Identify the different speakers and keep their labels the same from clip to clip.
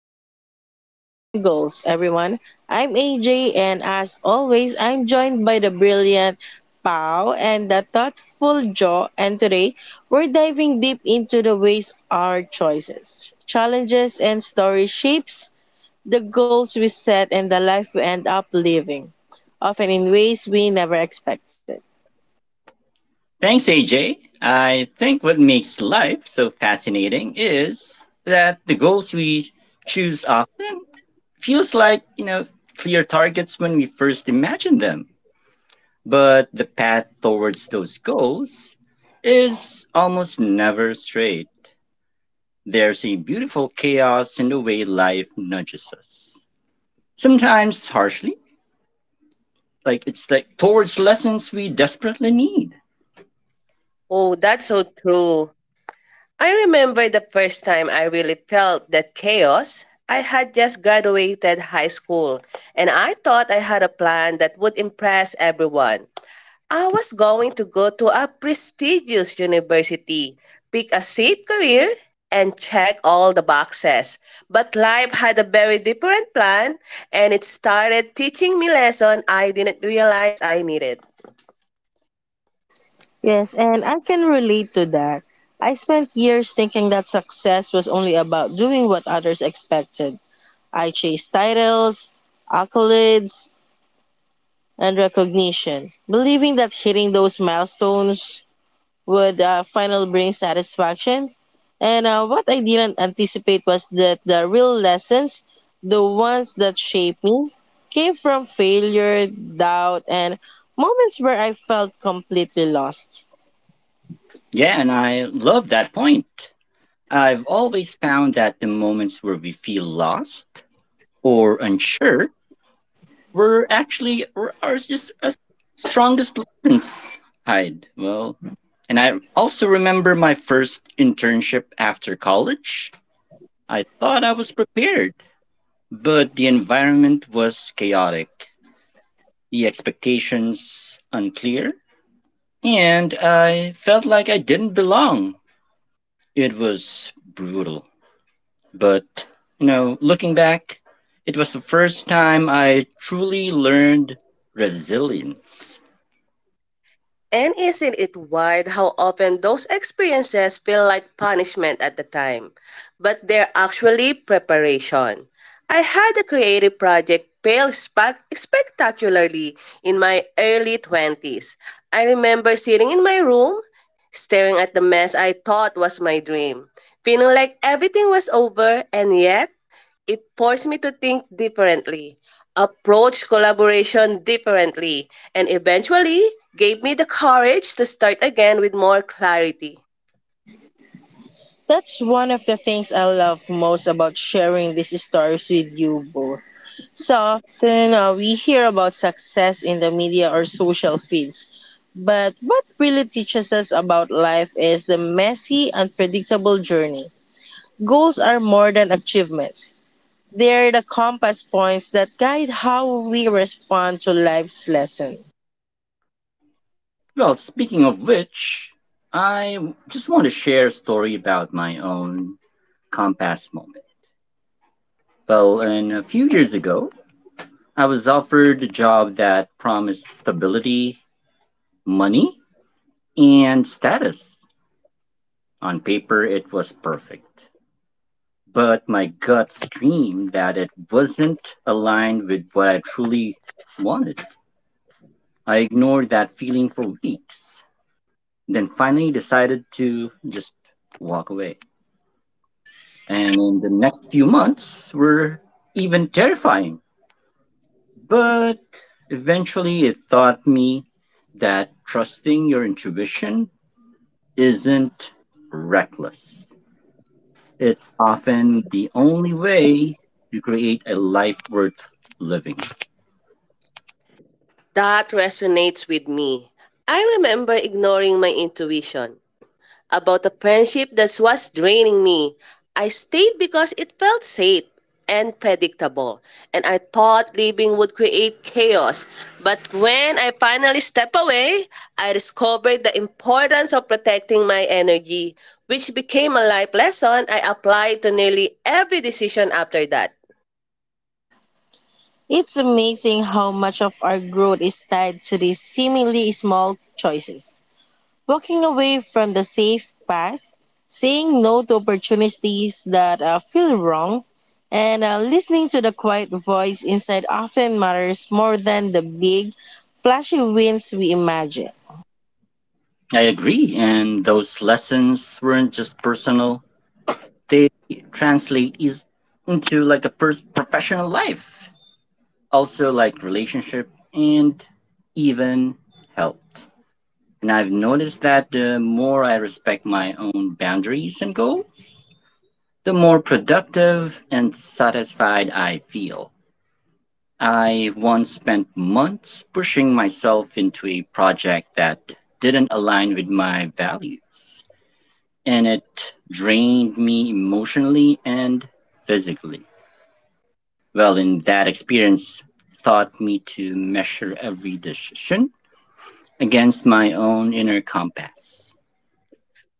Speaker 1: Welcome back to Life and Goals, everyone. I'm AJ, and as always, I'm joined by the brilliant Pau and the thoughtful Joe. And today, we're diving deep into the ways our choices, challenges, and story shapes the goals we set and the life we end up living, often in ways we never expected.
Speaker 2: Thanks, AJ. I think what makes life so fascinating is that the goals we choose often feels like, clear targets when we first imagine them. But the path towards those goals is almost never straight. There's a beautiful chaos in the way life nudges us. Sometimes harshly, like towards lessons we desperately need.
Speaker 3: Oh, that's so true. I remember the first time I really felt that chaos. I had just graduated high school and I thought I had a plan that would impress everyone. I was going to go to a prestigious university, pick a safe career, and check all the boxes. But life had a very different plan and it started teaching me lessons I didn't realize I needed.
Speaker 1: Yes, and I can relate to that. I spent years thinking that success was only about doing what others expected. I chased titles, accolades, and recognition, believing that hitting those milestones would finally bring satisfaction. And what I didn't anticipate was that the real lessons, the ones that shaped me, came from failure, doubt, and moments where I felt completely lost.
Speaker 2: Yeah, and I love that point. I've always found that the moments where we feel lost or unsure were actually were are just as strongest lessons. Hide well, and I also remember my first internship after college. I thought I was prepared, but the environment was chaotic, the expectations unclear, and I felt like I didn't belong. It was brutal. But, looking back, it was the first time I truly learned resilience.
Speaker 3: And isn't it wild how often those experiences feel like punishment at the time, but they're actually preparation? I had a creative project spectacularly in my early 20s. I remember sitting in my room, staring at the mess I thought was my dream, feeling like everything was over, and yet it forced me to think differently, approached collaboration differently, and eventually gave me the courage to start again with more clarity.
Speaker 1: That's one of the things I love most about sharing these stories with you both. So often we hear about success in the media or social feeds. But what really teaches us about life is the messy, unpredictable journey. Goals are more than achievements. They are the compass points that guide how we respond to life's lesson.
Speaker 2: Well, speaking of which, I just want to share a story about my own compass moment. Well, and a few years ago, I was offered a job that promised stability, money, and status. On paper, it was perfect, but my gut screamed that it wasn't aligned with what I truly wanted. I ignored that feeling for weeks, then finally decided to just walk away. And in the next few months were even terrifying. But eventually it taught me that trusting your intuition isn't reckless. It's often the only way to create a life worth living.
Speaker 3: That resonates with me. I remember ignoring my intuition about a friendship that was draining me. I stayed because it felt safe and predictable, and I thought leaving would create chaos. But when I finally stepped away, I discovered the importance of protecting my energy, which became a life lesson I applied to nearly every decision after that.
Speaker 1: It's amazing how much of our growth is tied to these seemingly small choices. Walking away from the safe path, saying no to opportunities that feel wrong, and listening to the quiet voice inside often matters more than the big, flashy wins we imagine.
Speaker 2: I agree. And those lessons weren't just personal, they translate is into like a professional life, also like relationship and even health. And I've noticed that the more I respect my own boundaries and goals, the more productive and satisfied I feel. I once spent months pushing myself into a project that didn't align with my values and it drained me emotionally and physically. Well, in that experience, taught me to measure every decision against my own inner compass.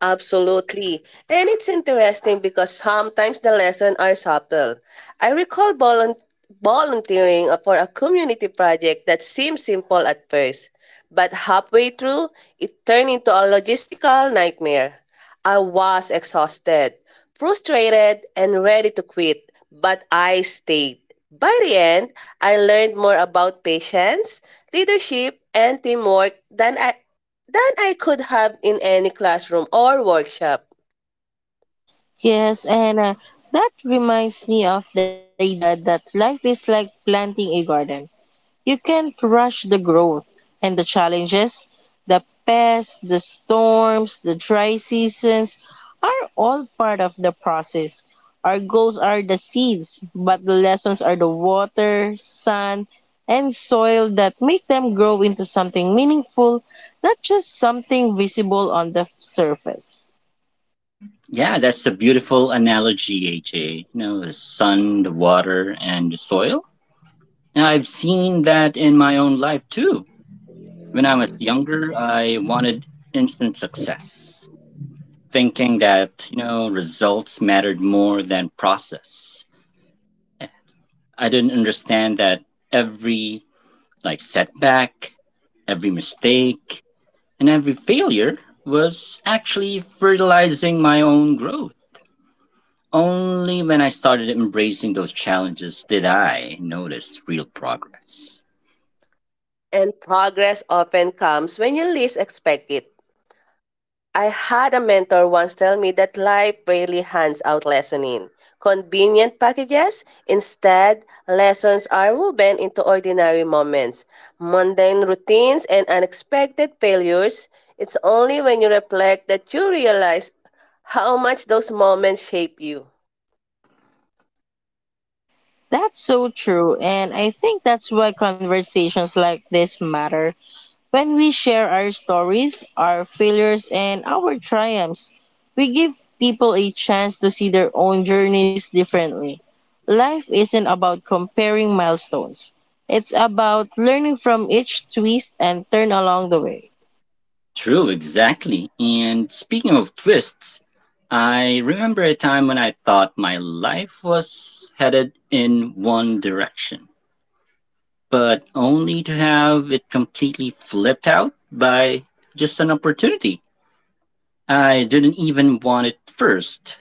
Speaker 3: Absolutely. And it's interesting because sometimes the lessons are subtle. I recall volunteering for a community project that seemed simple at first, but halfway through, it turned into a logistical nightmare. I was exhausted, frustrated, and ready to quit, but I stayed. By the end, I learned more about patience, leadership, and teamwork than I could have in any classroom or workshop.
Speaker 1: Yes, and that reminds me of the idea that life is like planting a garden. You can't rush the growth and the challenges. The pests, the storms, the dry seasons are all part of the process. Our goals are the seeds, but the lessons are the water, sun, and soil that make them grow into something meaningful, not just something visible on the surface.
Speaker 2: Yeah, that's a beautiful analogy, AJ. You know, the sun, the water, and the soil. And I've seen that in my own life too. When I was younger, I wanted instant success, thinking that, results mattered more than process. I didn't understand that every like setback, every mistake, and every failure was actually fertilizing my own growth. Only when I started embracing those challenges did I notice real progress.
Speaker 3: And progress often comes when you least expect it. I had a mentor once tell me that life rarely hands out lesson in convenient packages. Instead, lessons are woven into ordinary moments, mundane routines, and unexpected failures. It's only when you reflect that you realize how much those moments shape you.
Speaker 1: That's so true, and I think that's why conversations like this matter. When we share our stories, our failures, and our triumphs, we give people a chance to see their own journeys differently. Life isn't about comparing milestones, it's about learning from each twist and turn along the way.
Speaker 2: True, exactly. And speaking of twists, I remember a time when I thought my life was headed in one direction, but only to have it completely flipped out by just an opportunity. I didn't even want it first,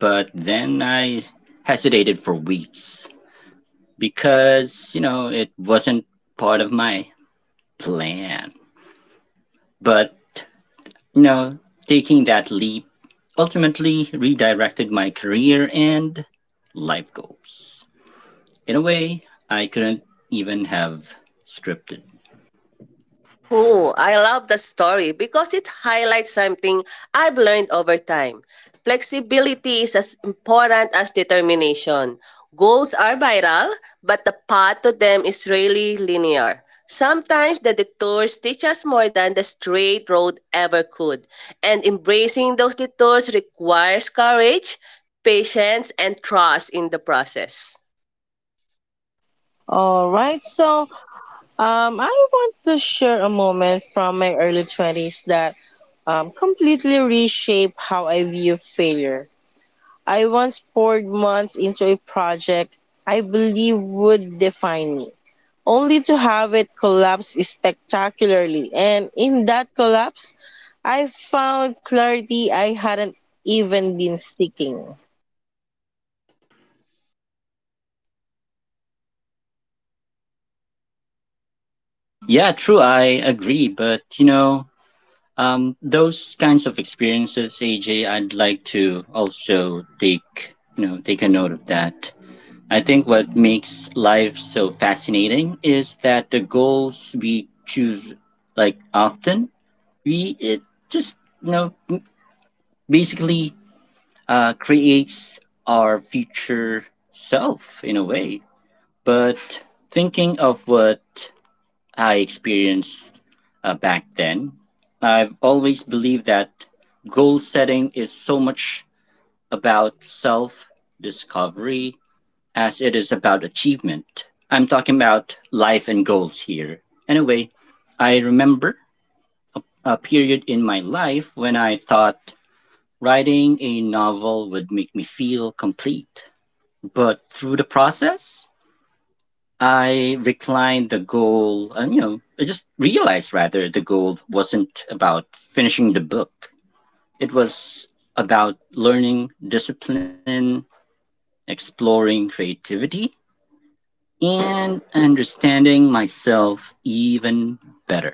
Speaker 2: but then I hesitated for weeks because, it wasn't part of my plan. But, you know, taking that leap ultimately redirected my career and life goals in a way I couldn't even have scripted.
Speaker 3: Oh, I love the story because it highlights something I've learned over time. Flexibility is as important as determination. Goals are viral, but the path to them is really linear. Sometimes the detours teach us more than the straight road ever could, and embracing those detours requires courage, patience, and trust in the process.
Speaker 1: All right, so I want to share a moment from my early 20s that completely reshaped how I view failure. I once poured months into a project I believe would define me, only to have it collapse spectacularly. And in that collapse, I found clarity I hadn't even been seeking.
Speaker 2: Yeah, true, I agree, but, those kinds of experiences, AJ, I'd like to also take you know take a note of that. I think what makes life so fascinating is that the goals we choose, like often, we it just you know m- basically creates our future self in a way. But thinking of what I experienced back then. I've always believed that goal setting is so much about self discovery as it is about achievement. I'm talking about life and goals here. Anyway, I remember a period in my life when I thought writing a novel would make me feel complete. But through the process, I reclined the goal, and I just realized rather the goal wasn't about finishing the book. It was about learning discipline, exploring creativity, and understanding myself even better.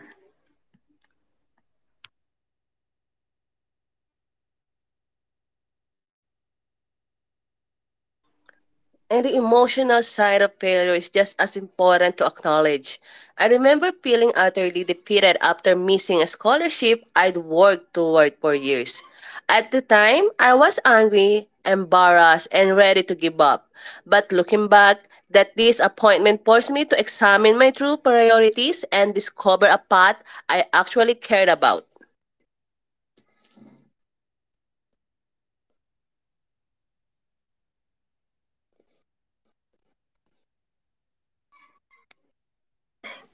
Speaker 3: And the emotional side of failure is just as important to acknowledge. I remember feeling utterly defeated after missing a scholarship I'd worked toward for years. At the time, I was angry, embarrassed, and ready to give up. But looking back, that disappointment forced me to examine my true priorities and discover a path I actually cared about.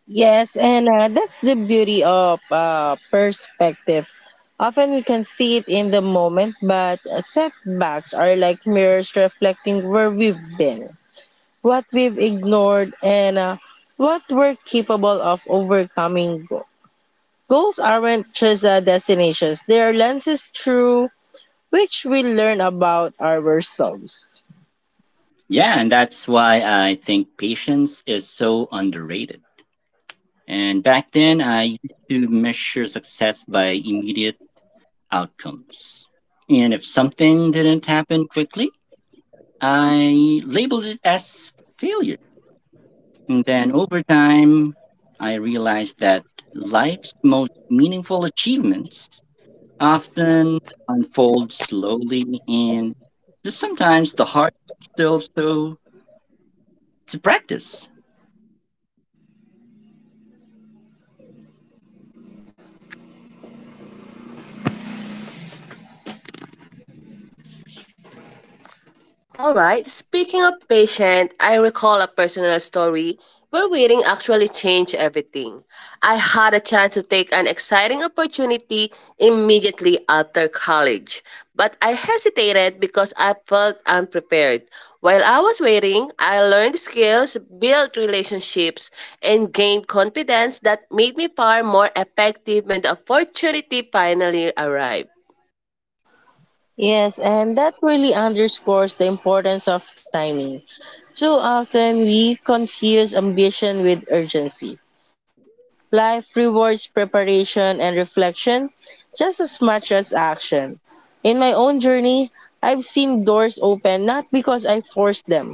Speaker 1: Yes, and that's the beauty of perspective. Often we can see it in the moment, but setbacks are like mirrors reflecting where we've been, what we've ignored, and what we're capable of overcoming. Goals aren't just destinations, they are lenses through which we learn about ourselves.
Speaker 2: Yeah, and that's why I think patience is so underrated. And back then, I used to measure success by immediate outcomes. And if something didn't happen quickly, I labeled it as failure. And then over time, I realized that life's most meaningful achievements often unfold slowly and just sometimes the heart still so to practice.
Speaker 3: All right, speaking of patient, I recall a personal story where waiting actually changed everything. I had a chance to take an exciting opportunity immediately after college, but I hesitated because I felt unprepared. While I was waiting, I learned skills, built relationships, and gained confidence that made me far more effective when the opportunity finally arrived.
Speaker 1: Yes, and that really underscores the importance of timing. Too often we confuse ambition with urgency. Life rewards preparation and reflection just as much as action. In my own journey, I've seen doors open not because I forced them,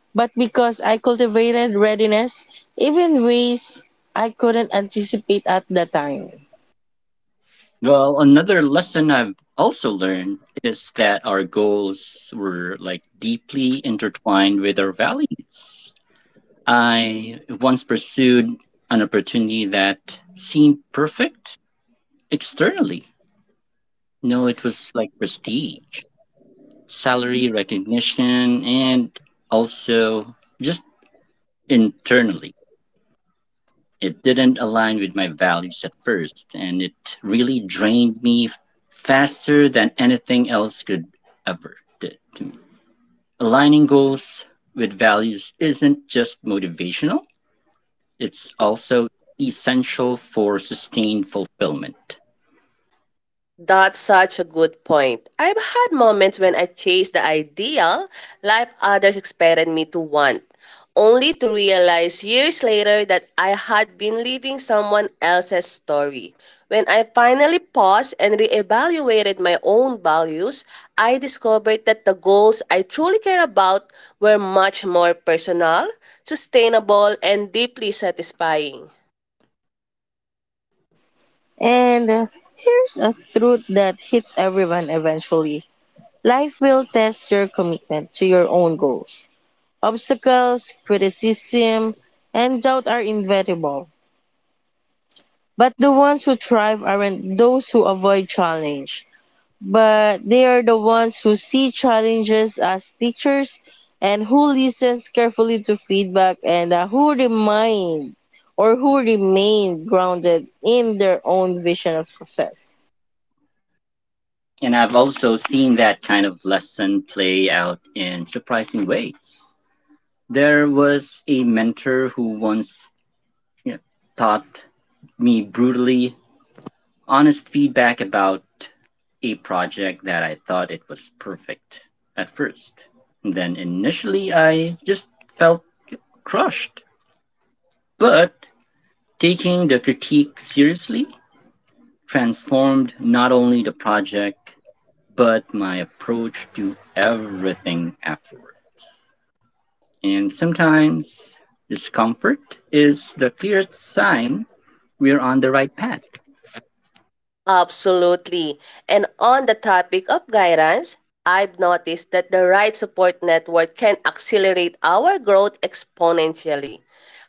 Speaker 1: but because I cultivated readiness even ways I couldn't anticipate at the time.
Speaker 2: Well, another lesson I've also learned is that our goals were like deeply intertwined with our values. I once pursued an opportunity that seemed perfect externally. No, it was like prestige, salary recognition, and also just internally. It didn't align with my values at first, and it really drained me faster than anything else could ever did to me. Aligning goals with values isn't just motivational, it's also essential for sustained fulfillment.
Speaker 3: That's such a good point. I've had moments when I chased the ideal life others expected me to want, only to realize years later that I had been living someone else's story. When I finally paused and reevaluated my own values, I discovered that the goals I truly care about were much more personal, sustainable, and deeply satisfying.
Speaker 1: And here's a truth that hits everyone eventually. Life will test your commitment to your own goals. Obstacles, criticism, and doubt are inevitable. But the ones who thrive aren't those who avoid challenge, but they are the ones who see challenges as teachers and who listens carefully to feedback and who remind or who remain grounded in their own vision of success.
Speaker 2: And I've also seen that kind of lesson play out in surprising ways. There was a mentor who once, you know, taught me brutally honest feedback about a project that I thought it was perfect at first. And then initially I just felt crushed. But taking the critique seriously transformed not only the project but my approach to everything afterwards. And sometimes discomfort is the clearest sign we're on the right path.
Speaker 3: Absolutely. And on the topic of guidance, I've noticed that the right support network can accelerate our growth exponentially.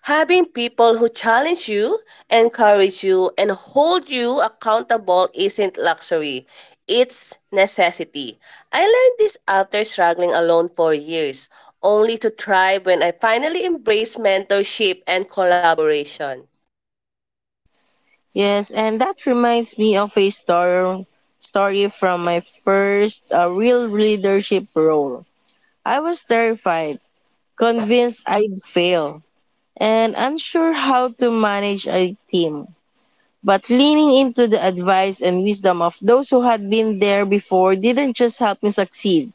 Speaker 3: Having people who challenge you, encourage you, and hold you accountable isn't luxury, it's necessity. I learned this after struggling alone for years, only to thrive when I finally embraced mentorship and collaboration.
Speaker 1: Yes, and that reminds me of a story from my first real leadership role. I was terrified, convinced I'd fail, and unsure how to manage a team. But leaning into the advice and wisdom of those who had been there before didn't just help me succeed.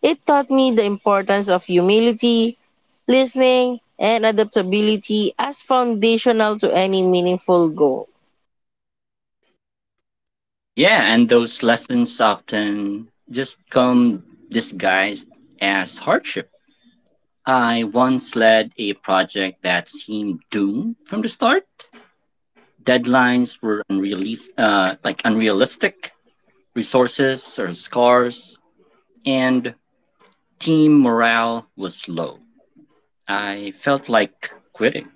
Speaker 1: It taught me the importance of humility, listening, and adaptability as foundational to any meaningful goal.
Speaker 2: Yeah, and those lessons often just come disguised as hardship. I once led a project that seemed doomed from the start. Deadlines were like unrealistic, resources are scarce, and team morale was low. I felt like quitting,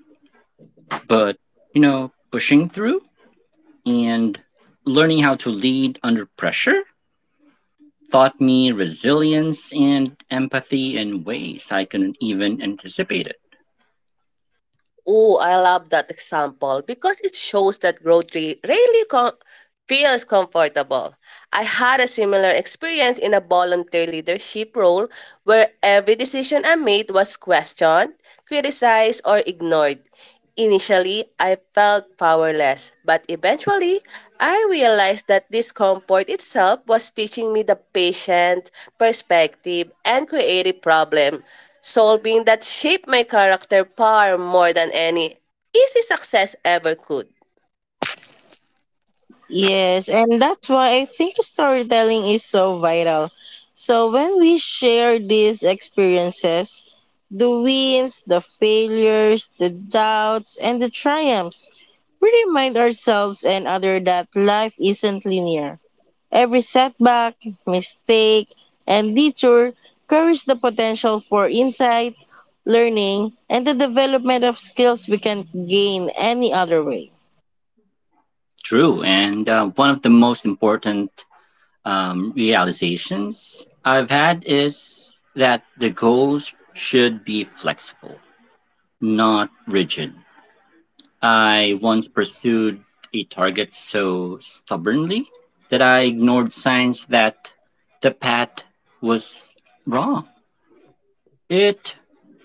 Speaker 2: but pushing through and learning how to lead under pressure taught me resilience and empathy in ways I couldn't even anticipate it.
Speaker 3: Oh, I love that example because it shows that feels comfortable. I had a similar experience in a volunteer leadership role where every decision I made was questioned, criticized, or ignored. Initially, I felt powerless, but eventually, I realized that discomfort itself was teaching me the patient perspective and creative problem solving that shaped my character far more than any easy success ever could.
Speaker 1: Yes, and that's why I think storytelling is so vital. So when we share these experiences, the wins, the failures, the doubts, and the triumphs, we remind ourselves and others that life isn't linear. Every setback, mistake, and detour carries the potential for insight, learning, and the development of skills we can't gain any other way.
Speaker 2: True, and one of the most important realizations I've had is that the goals should be flexible, not rigid. I once pursued a target so stubbornly that I ignored signs that the path was wrong. It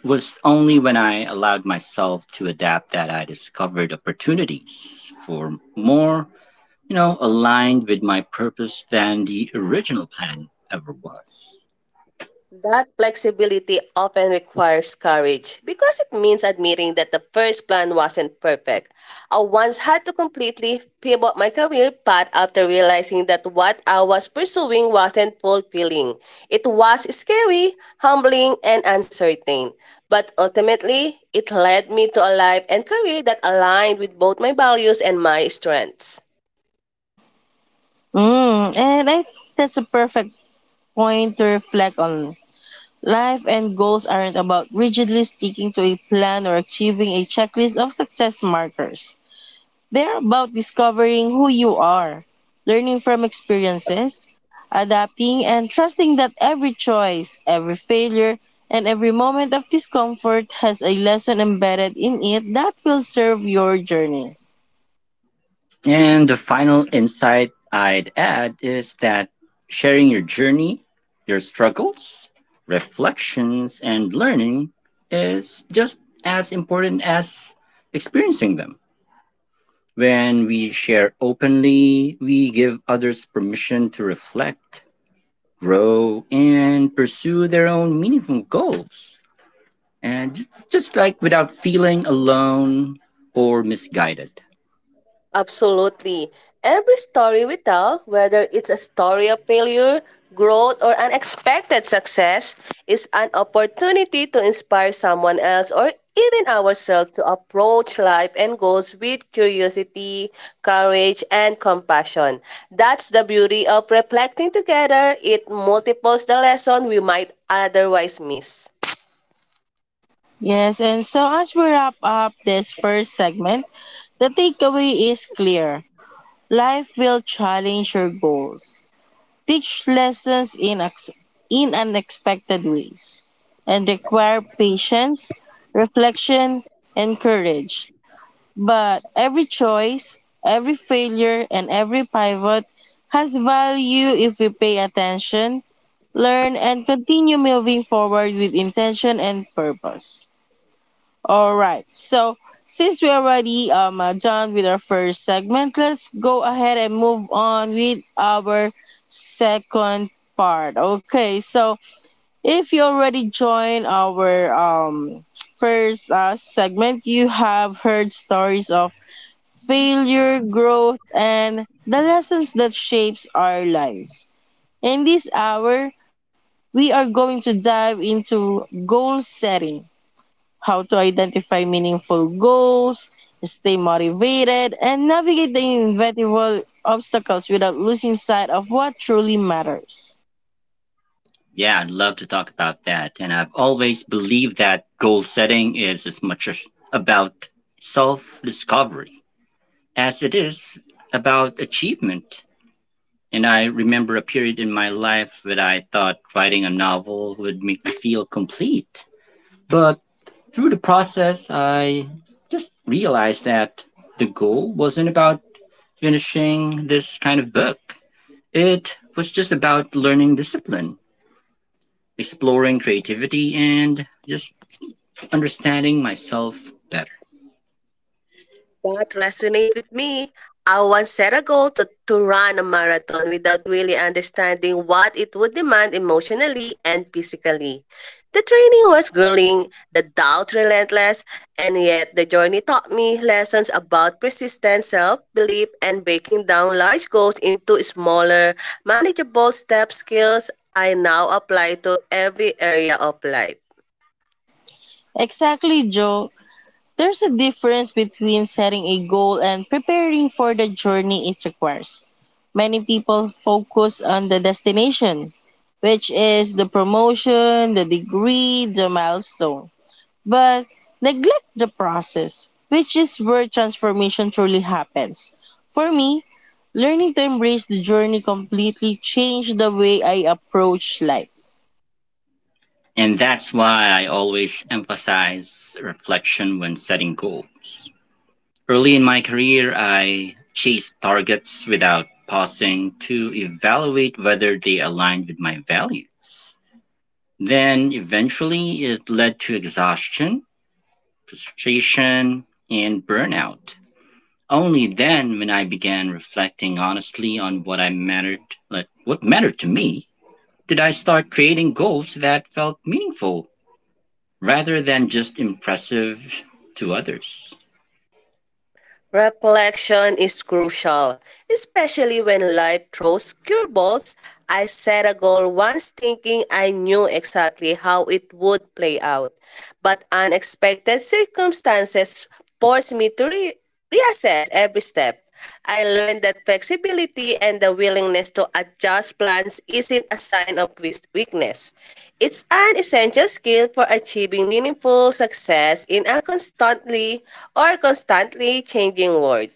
Speaker 2: was only when I allowed myself to adapt that I discovered opportunities for more, aligned with my purpose than the original plan ever was.
Speaker 3: That flexibility often requires courage because it means admitting that the first plan wasn't perfect. I once had to completely pivot my career path after realizing that what I was pursuing wasn't fulfilling. It was scary, humbling, and uncertain. But ultimately, it led me to a life and career that aligned with both my values and my strengths.
Speaker 1: Mm, and I think that's a perfect point to reflect on. Life and goals aren't about rigidly sticking to a plan or achieving a checklist of success markers. They're about discovering who you are, learning from experiences, adapting, and trusting that every choice, every failure, and every moment of discomfort has a lesson embedded in it that will serve your journey.
Speaker 2: And the final insight I'd add is that sharing your journey, your struggles, reflections, and learning is just as important as experiencing them. When we share openly, we give others permission to reflect, grow, and pursue their own meaningful goals. And just like without feeling alone or misguided.
Speaker 3: Absolutely. Every story we tell, whether it's a story of failure, growth, or unexpected success, is an opportunity to inspire someone else or even ourselves to approach life and goals with curiosity, courage, and compassion. That's the beauty of reflecting together. It multiples the lesson we might otherwise miss.
Speaker 1: Yes, and so as we wrap up this first segment, the takeaway is clear. Life will challenge your goals, teach lessons in unexpected ways, and require patience, reflection, and courage. But every choice, every failure, and every pivot has value if we pay attention, learn, and continue moving forward with intention and purpose. All right. So since we already done with our first segment, let's go ahead and move on with our second part. Okay. So if you already joined our first segment, you have heard stories of failure, growth, and the lessons that shapes our lives. In this hour, we are going to dive into goal setting, how to identify meaningful goals, stay motivated, and navigate the inevitable obstacles without losing sight of what truly matters.
Speaker 2: Yeah, I'd love to talk about that. And I've always believed that goal setting is as much as about self discovery as it is about achievement. And I remember a period in my life when I thought writing a novel would make me feel complete. But through the process, I just realized that the goal wasn't about finishing this kind of book, it was just about learning discipline exploring creativity and just understanding myself better.
Speaker 3: That resonate with me. I once set a goal to run a marathon without really understanding what it would demand emotionally and physically. The training was grueling, the doubt relentless, and yet the journey taught me lessons about persistence, self belief, and breaking down large goals into smaller, manageable step skills I now apply to every area of life.
Speaker 1: Exactly, Joe. There's a difference between setting a goal and preparing for the journey it requires. Many people focus on the destination, which is the promotion, the degree, the milestone, but neglect the process, which is where transformation truly happens. For me, learning to embrace the journey completely changed the way I approach life.
Speaker 2: And that's why I always emphasize reflection when setting goals. Early in my career, I chased targets without pausing to evaluate whether they aligned with my values. Then eventually it led to exhaustion, frustration, and burnout. Only then when I began reflecting honestly on what I mattered like what mattered to me, did I start creating goals that felt meaningful rather than just impressive to others.
Speaker 3: Reflection is crucial, especially when life throws curveballs. I set a goal once thinking I knew exactly how it would play out, but unexpected circumstances forced me to reassess every step. I learned that flexibility and the willingness to adjust plans isn't a sign of weakness. It's an essential skill for achieving meaningful success in a constantly changing world.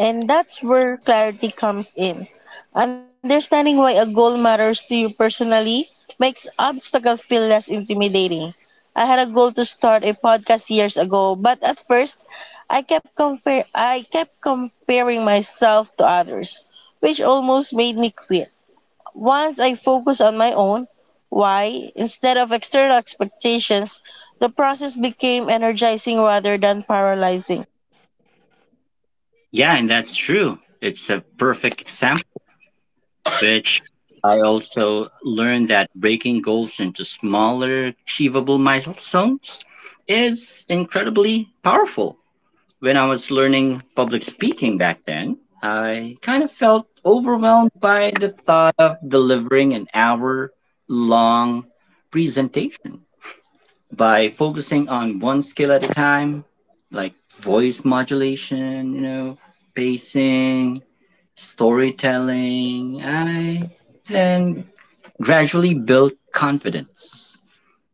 Speaker 1: And that's where clarity comes in. Understanding why a goal matters to you personally makes obstacle feel less intimidating. I had a goal to start a podcast years ago, but at first, I kept comparing myself to others, which almost made me quit. Once I focused on my own why instead of external expectations, the process became energizing rather than paralyzing.
Speaker 2: Yeah, and that's true. It's a perfect example, which I also learned that breaking goals into smaller, achievable milestones is incredibly powerful. When I was learning public speaking back then, I kind of felt overwhelmed by the thought of delivering an hour long presentation. By focusing on one skill at a time, like voice modulation, pacing, storytelling, I then gradually built confidence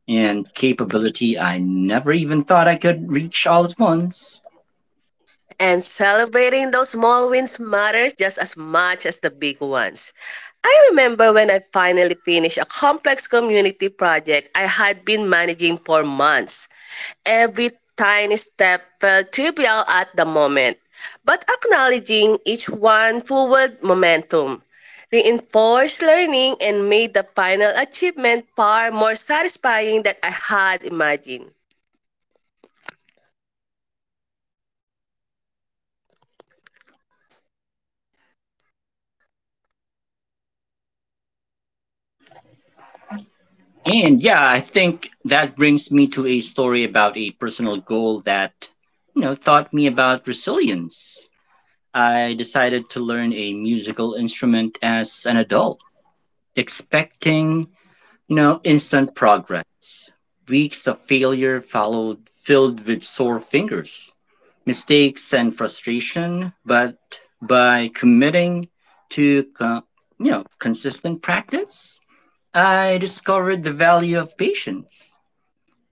Speaker 2: and capability I never even thought I could reach all at once.
Speaker 3: And celebrating those small wins matters just as much as the big ones. I remember when I finally finished a complex community project I had been managing for months. Every tiny step felt trivial at the moment, but acknowledging each one forward momentum reinforced learning and made the final achievement far more satisfying than I had imagined.
Speaker 2: And yeah, I think that brings me to a story about a personal goal that, taught me about resilience. I decided to learn a musical instrument as an adult expecting instant progress. Weeks of failure followed, filled with sore fingers, mistakes, and frustration. But by committing to consistent practice, I discovered the value of patience,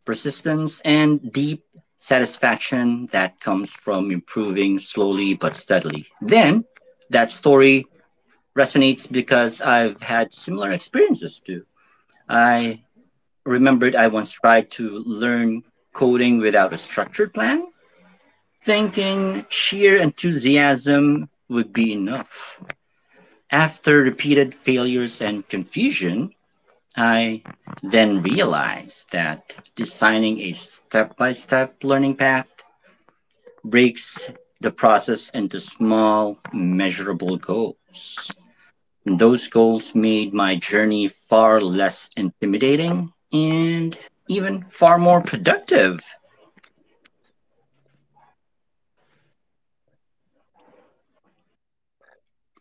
Speaker 2: persistence, and deep satisfaction that comes from improving slowly but steadily. Then that story resonates because I've had similar experiences too. I remembered I once tried to learn coding without a structured plan, thinking sheer enthusiasm would be enough. After repeated failures and confusion, I then realized that designing a step by step learning path breaks the process into small, measurable goals. And those goals made my journey far less intimidating and even far more productive.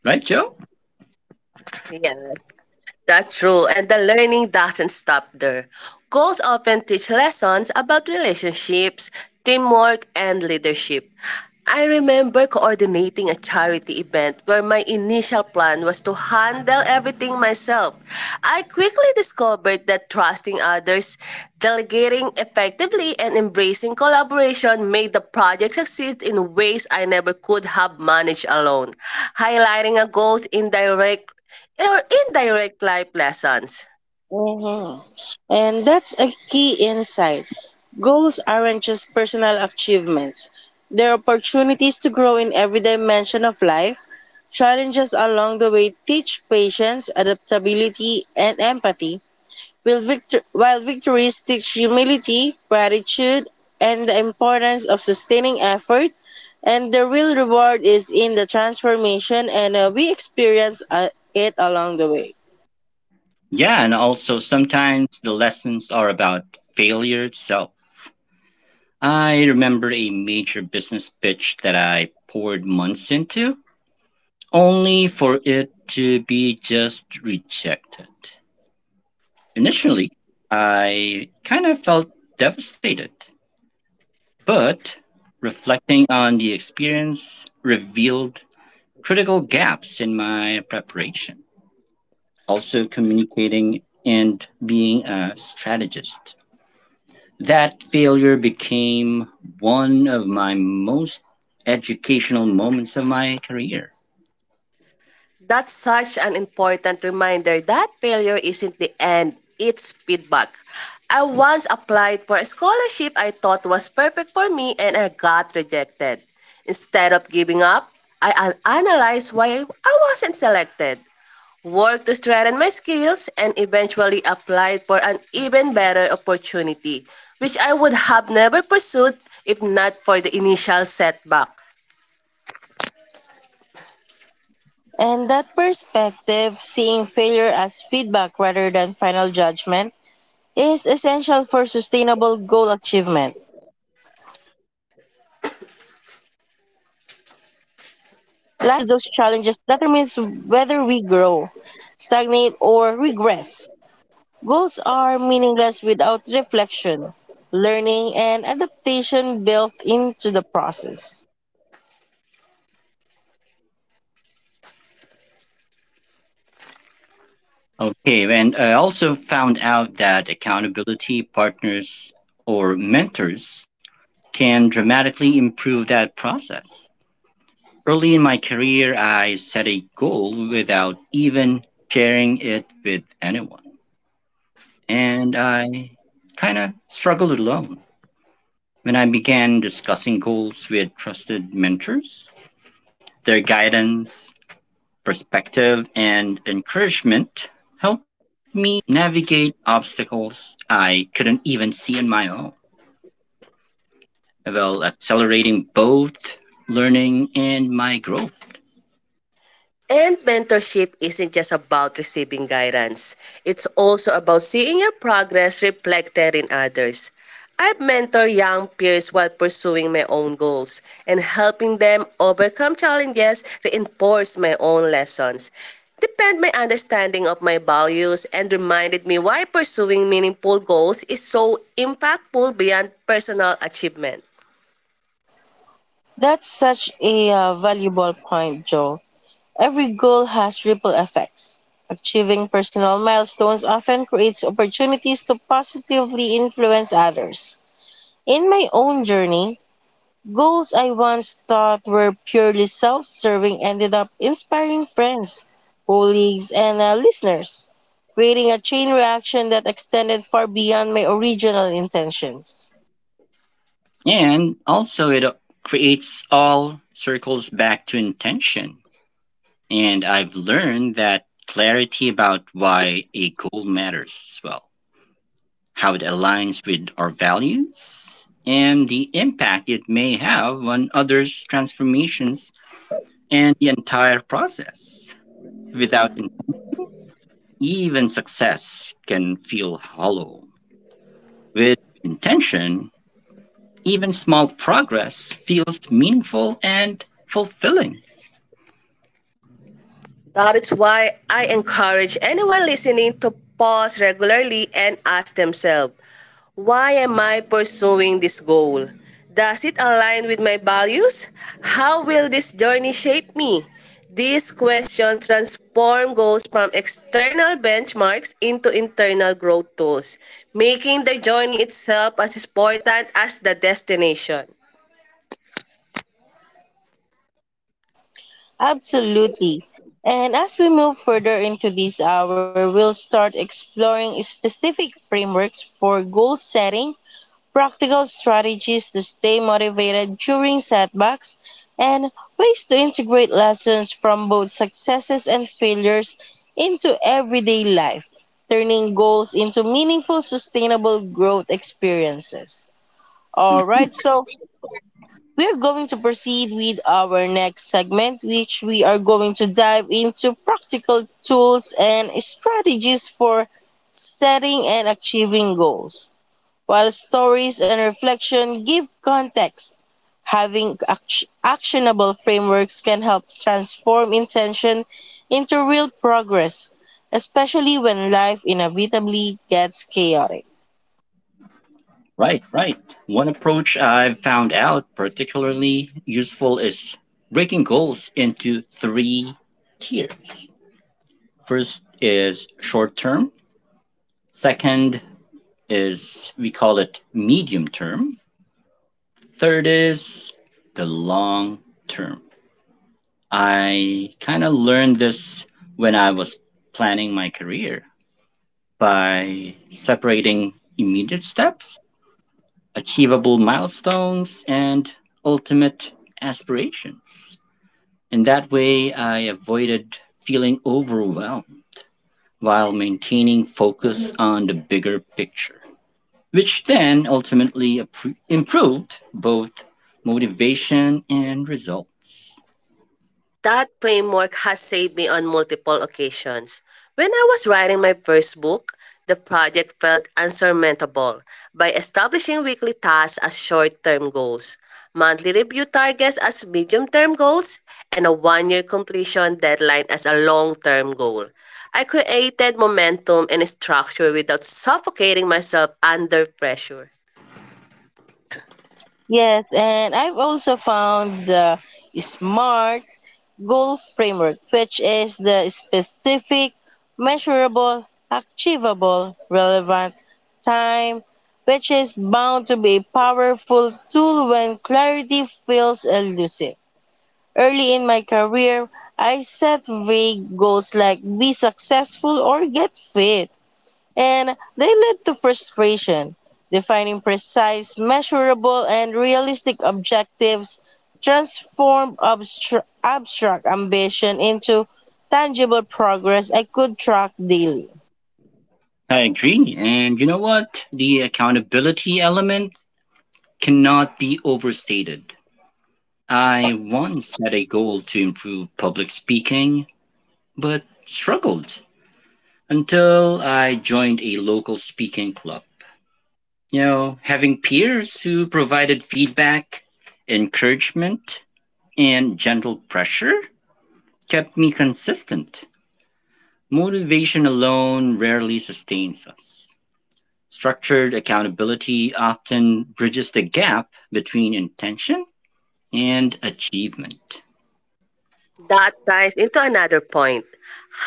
Speaker 2: Right, Joe?
Speaker 3: Yeah. That's true, and the learning doesn't stop there. Goals often teach lessons about relationships, teamwork, and leadership. I remember coordinating a charity event where my initial plan was to handle everything myself. I quickly discovered that trusting others, delegating effectively, and embracing collaboration made the project succeed in ways I never could have managed alone. Highlighting a goal's indirect life lessons.
Speaker 1: Mhm. And that's a key insight. Goals aren't just personal achievements, they're opportunities to grow in every dimension of life. Challenges along the way teach patience, adaptability, and empathy, while, victories teach humility, gratitude, and the importance of sustaining effort. And the real reward is in the transformation, and we experience it along the way.
Speaker 2: Yeah, and also sometimes the lessons are about failure itself. I remember a major business pitch that I poured months into, only for it to be just rejected. Initially, I kind of felt devastated, but reflecting on the experience revealed critical gaps in my preparation. Also, communicating and being a strategist. That failure became one of my most educational moments of my career.
Speaker 3: That's such an important reminder that failure isn't the end, it's feedback. I once applied for a scholarship I thought was perfect for me and I got rejected. Instead of giving up, I analyzed why I wasn't selected, worked to strengthen my skills, and eventually applied for an even better opportunity, which I would have never pursued if not for the initial setback.
Speaker 1: And that perspective, seeing failure as feedback rather than final judgment, is essential for sustainable goal achievement. Life always presents obstacles, but a mindset we bring to those challenges determines whether we grow, stagnate, or regress. Goals are meaningless without reflection, learning, and adaptation built into the process.
Speaker 2: Okay, and I also found out that accountability partners or mentors can dramatically improve that process. Early in my career, I set a goal without even sharing it with anyone, and I kind of struggled alone. When I began discussing goals with trusted mentors, their guidance, perspective, and encouragement helped me navigate obstacles I couldn't even see on my own, while accelerating both learning and my growth.
Speaker 3: And mentorship isn't just about receiving guidance. It's also about seeing your progress reflected in others. I have mentored young peers while pursuing my own goals, and helping them overcome challenges reinforced my own lessons, deepened my understanding of my values, and reminded me why pursuing meaningful goals is so impactful beyond personal achievement.
Speaker 1: That's such a valuable point, Joe. Every goal has ripple effects. Achieving personal milestones often creates opportunities to positively influence others. In my own journey, goals I once thought were purely self serving ended up inspiring friends, colleagues, and listeners, creating a chain reaction that extended far beyond my original intentions.
Speaker 2: And also, it creates all circles back to intention. And I've learned that clarity about why a goal matters as well, how it aligns with our values, and the impact it may have on others' transformations and the entire process. Without in- Even success can feel hollow. With intention, even small progress feels meaningful and fulfilling.
Speaker 3: That is why I encourage anyone listening to pause regularly and ask themselves, why am I pursuing this goal? Does it align with my values? How will this journey shape me? These questions transform goals from external benchmarks into internal growth tools, making the journey itself as important as the destination.
Speaker 1: Absolutely. And as we move further into this hour, we'll start exploring specific frameworks for goal setting, practical strategies to stay motivated during setbacks, and ways to integrate lessons from both successes and failures into everyday life, turning goals into meaningful, sustainable growth experiences. All right, so we are going to proceed with our next segment, which we are going to dive into practical tools and strategies for setting and achieving goals. While stories and reflection give context, having actionable frameworks can help transform intention into real progress, especially when life inevitably gets chaotic.
Speaker 2: Right, right. One approach I've found out particularly useful is breaking goals into three tiers. First is short term, second is we call it medium term, third is the long term. I kind of learned this when I was planning my career by separating immediate steps achievable milestones, and ultimate aspirations. In that way, I avoided feeling overwhelmed while maintaining focus on the bigger picture, which then ultimately improved both motivation and results.
Speaker 3: That framework has saved me on multiple occasions. When I was writing my first book, the project felt unsurmountable. By establishing weekly tasks as short term goals, monthly review targets as medium term goals, and a 1 year completion deadline as a long term goal, I created momentum and structure without suffocating myself under pressure.
Speaker 1: Yes, and I've also found the SMART goal framework, which is the specific, measurable, achievable, relevant, time, which is bound to be a powerful tool when clarity feels elusive. Early in my career, I set vague goals like be successful or get fit, and they led to frustration. Defining precise, measurable, and realistic objectives transformed abstract ambition into tangible progress I could track daily.
Speaker 2: I agree. And you know what? The accountability element cannot be overstated. I once set a goal to improve public speaking, but struggled until I joined a local speaking club. Having peers who provided feedback, encouragement, and gentle pressure kept me consistent. Motivation alone rarely sustains us. Structured accountability often bridges the gap between intention and achievement.
Speaker 3: That ties into another point.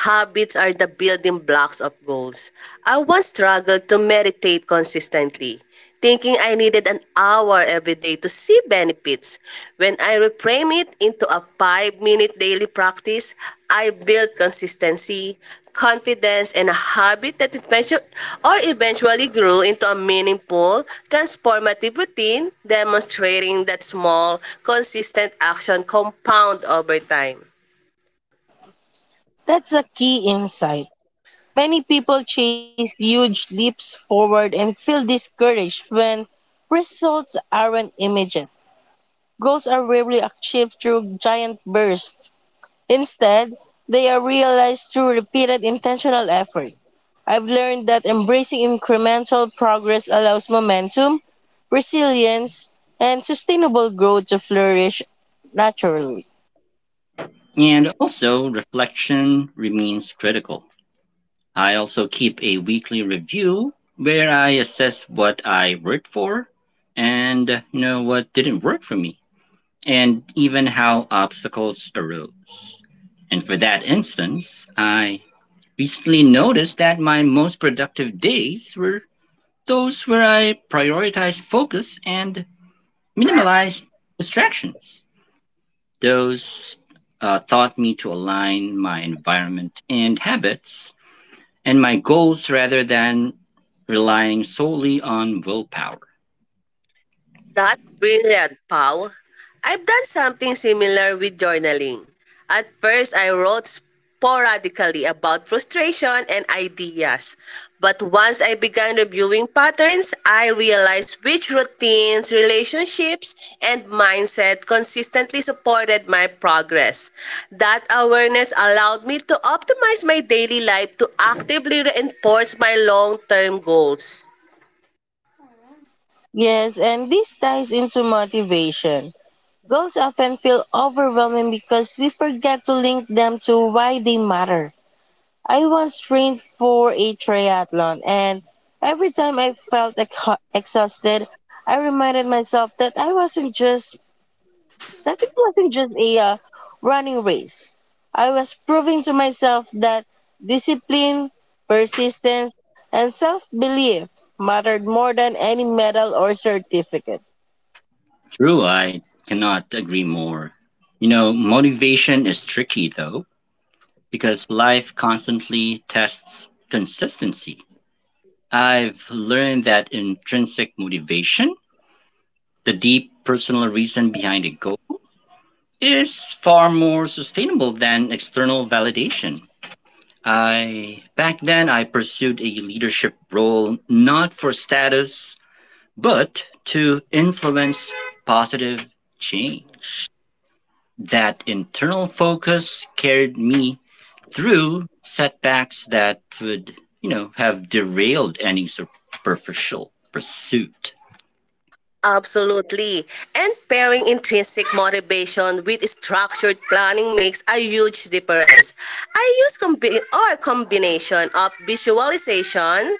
Speaker 3: Habits are the building blocks of goals. I once struggled to meditate consistently, thinking I needed an hour every day to see benefits. When I reframe it into a 5 minute daily practice, I built consistency, confidence, and a habit that eventually grew into a meaningful, transformative routine, demonstrating that small, consistent action compound over time.
Speaker 1: That's a key insight. Many people chase huge leaps forward and feel discouraged when results aren't immediate. Goals are rarely achieved through giant bursts. Instead, they are realized through repeated intentional effort. I've learned that embracing incremental progress allows momentum, resilience, and sustainable growth to flourish naturally.
Speaker 2: And also, reflection remains critical. I also keep a weekly review where I assess what I worked for and what didn't work for me and even how obstacles arose. And for that instance, I recently noticed that my most productive days were those where I prioritized focus and minimalized distractions. Those taught me to align my environment and habits and my goals rather than relying solely on willpower.
Speaker 3: That's brilliant, Pau. I've done something similar with journaling. At first, I wrote sporadically about frustration and ideas. But once I began reviewing patterns, I realized which routines, relationships, and mindset consistently supported my progress. That awareness allowed me to optimize my daily life to actively reinforce my long term goals.
Speaker 1: Yes, and this ties into motivation. Goals often feel overwhelming because we forget to link them to why they matter. I once trained for a triathlon, and every time I felt exhausted, I reminded myself that I wasn't just that it wasn't just a running race. I was proving to myself that discipline, persistence, and self-belief mattered more than any medal or certificate.
Speaker 2: True, I cannot agree more. You know, motivation is tricky though, because life constantly tests consistency. I've learned that intrinsic motivation, the deep personal reason behind a goal, is far more sustainable than external validation. I back then I pursued a leadership role not for status but to influence positive change. That internal focus carried me through setbacks that would, have derailed any superficial pursuit.
Speaker 3: Absolutely. And pairing intrinsic motivation with structured planning makes a huge difference. I use combi- or combination of visualization,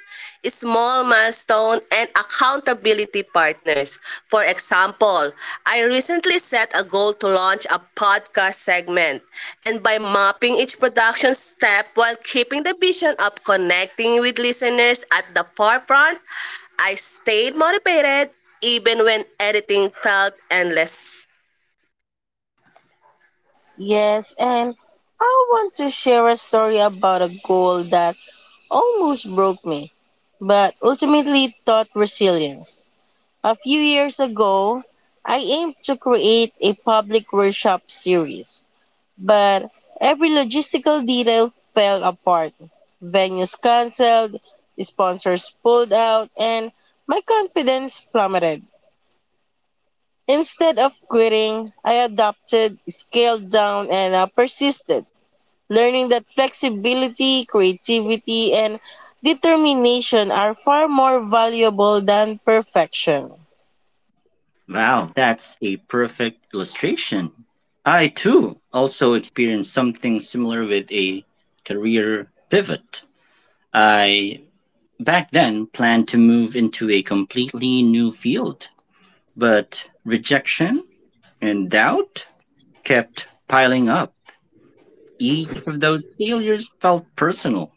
Speaker 3: small milestone, and accountability partners. For example, I recently set a goal to launch a podcast segment. And by mapping each production step while keeping the vision of connecting with listeners at the forefront, I stayed motivated even when editing felt endless.
Speaker 1: Yes, and I want to share a story about a goal that almost broke me, but ultimately taught resilience. A few years ago, I aimed to create a public workshop series, but every logistical detail fell apart. Venues canceled, sponsors pulled out, and my confidence plummeted. Instead of quitting, I adopted, scaled down, and persisted, learning that flexibility, creativity, and determination are far more valuable than perfection.
Speaker 2: Wow, that's a perfect illustration. I too also experienced something similar with a career pivot. I back then planned to move into a completely new field, but rejection and doubt kept piling up. Each of those failures felt personal,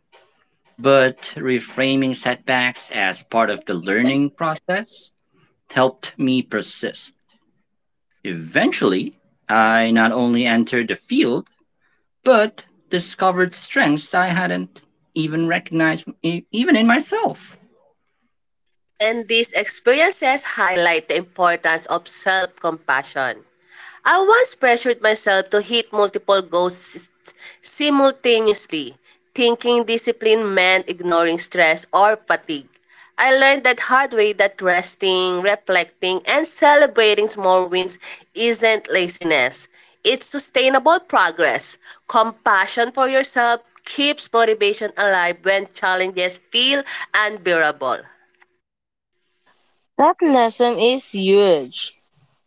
Speaker 2: but reframing setbacks as part of the learning process helped me persist. Eventually, I not only entered the field, but discovered strengths I hadn't even recognized, even in myself.
Speaker 3: And these experiences highlight the importance of self compassion. I once pressured myself to hit multiple goals simultaneously, thinking discipline meant ignoring stress or fatigue. I learned that hard way that resting, reflecting, and celebrating small wins isn't laziness. It's sustainable progress. Compassion for yourself keeps motivation alive when challenges feel unbearable.
Speaker 1: That lesson is huge.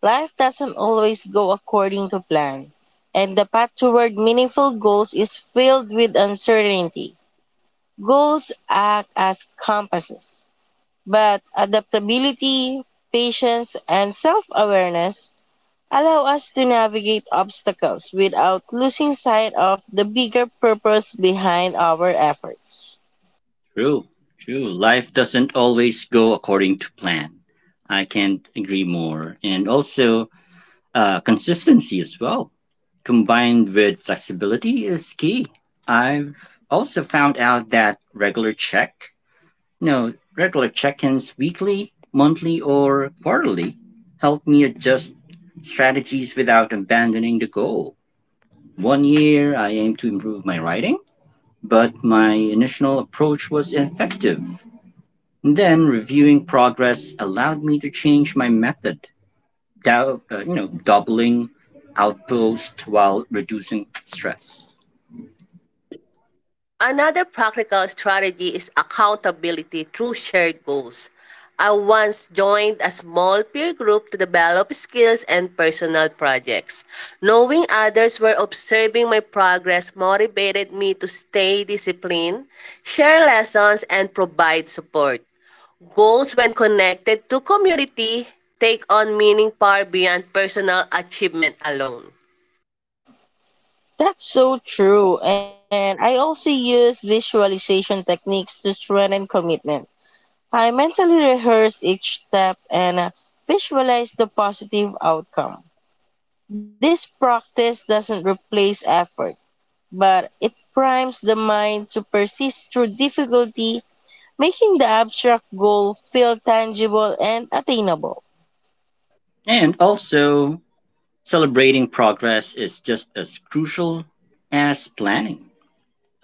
Speaker 1: Life doesn't always go according to plan, and the path toward meaningful goals is filled with uncertainty. Goals act as compasses, but adaptability, patience, and self awareness allow us to navigate obstacles without losing sight of the bigger purpose behind our efforts.
Speaker 2: True, true. Life doesn't always go according to plan. I can't agree more. And also, consistency as well combined with flexibility is key. I've also found out that regular check-ins weekly, monthly, or quarterly help me adjust strategies without abandoning the goal. One year I aimed to improve my writing, but my initial approach was ineffective. And then reviewing progress allowed me to change my method, doubling outpost while reducing stress.
Speaker 3: Another practical strategy is accountability through shared goals. I once joined a small peer group to develop skills and personal projects. Knowing others were observing my progress motivated me to stay disciplined, share lessons, and provide support. Goals, when connected to community, take on meaning far beyond personal achievement alone.
Speaker 1: That's so true, and I also use visualization techniques to strengthen commitment. I mentally rehearse each step and visualize the positive outcome. This practice doesn't replace effort, but it primes the mind to persist through difficulty, making the abstract goal feel tangible and attainable.
Speaker 2: And also, celebrating progress is just as crucial as planning.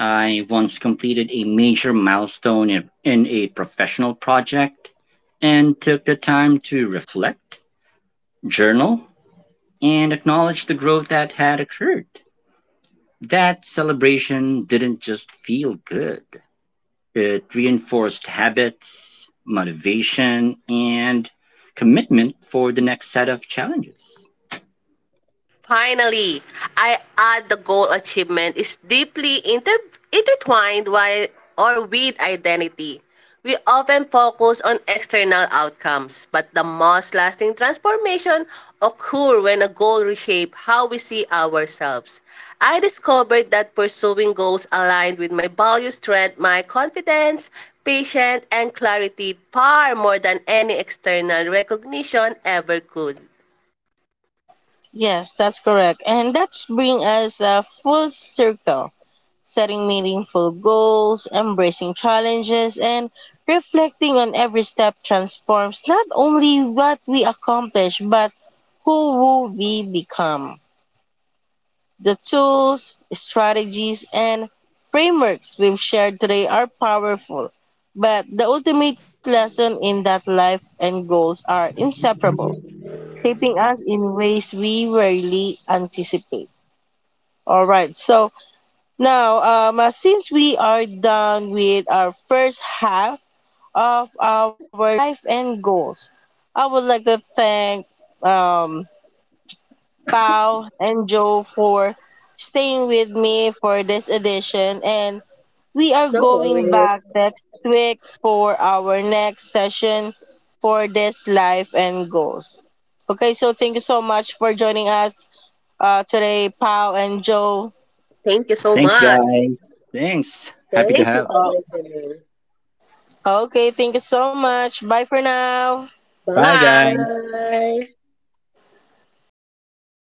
Speaker 2: I once completed a major milestone in a professional project and took the time to reflect, journal, and acknowledge the growth that had occurred. That celebration didn't just feel good, it reinforced habits, motivation, and commitment for the next set of challenges.
Speaker 3: Finally, I add the goal achievement is deeply intertwined with identity. We often focus on external outcomes, but the most lasting transformation occur when a goal reshape how we see ourselves. I discovered that pursuing goals aligned with my values strengthened my confidence, patience, and clarity far more than any external recognition ever could.
Speaker 1: Yes, that's correct. And that's bring us a full circle, setting meaningful goals, embracing challenges, and reflecting on every step transforms not only what we accomplish, but who will we become. The tools, strategies, and frameworks we've shared today are powerful, but the ultimate lesson in that life and goals are inseparable, shaping us in ways we rarely anticipate. All right. So now, since we are done with our first half of our life and goals, I would like to thank um, Pau and Joe for staying with me for this edition. And we are
Speaker 3: No
Speaker 1: going
Speaker 3: worries.
Speaker 1: back next week for our next session for this life and goals. Okay, so thank you so much for joining us today, Pau and Joe.
Speaker 3: Thank you so
Speaker 2: Thanks,
Speaker 3: much.
Speaker 2: guys. Thanks. Happy to
Speaker 3: Thank you
Speaker 2: have.
Speaker 3: for
Speaker 1: Uh,
Speaker 3: listening.
Speaker 1: Okay, thank you so much. Bye for now.
Speaker 2: Bye, guys.
Speaker 3: Bye.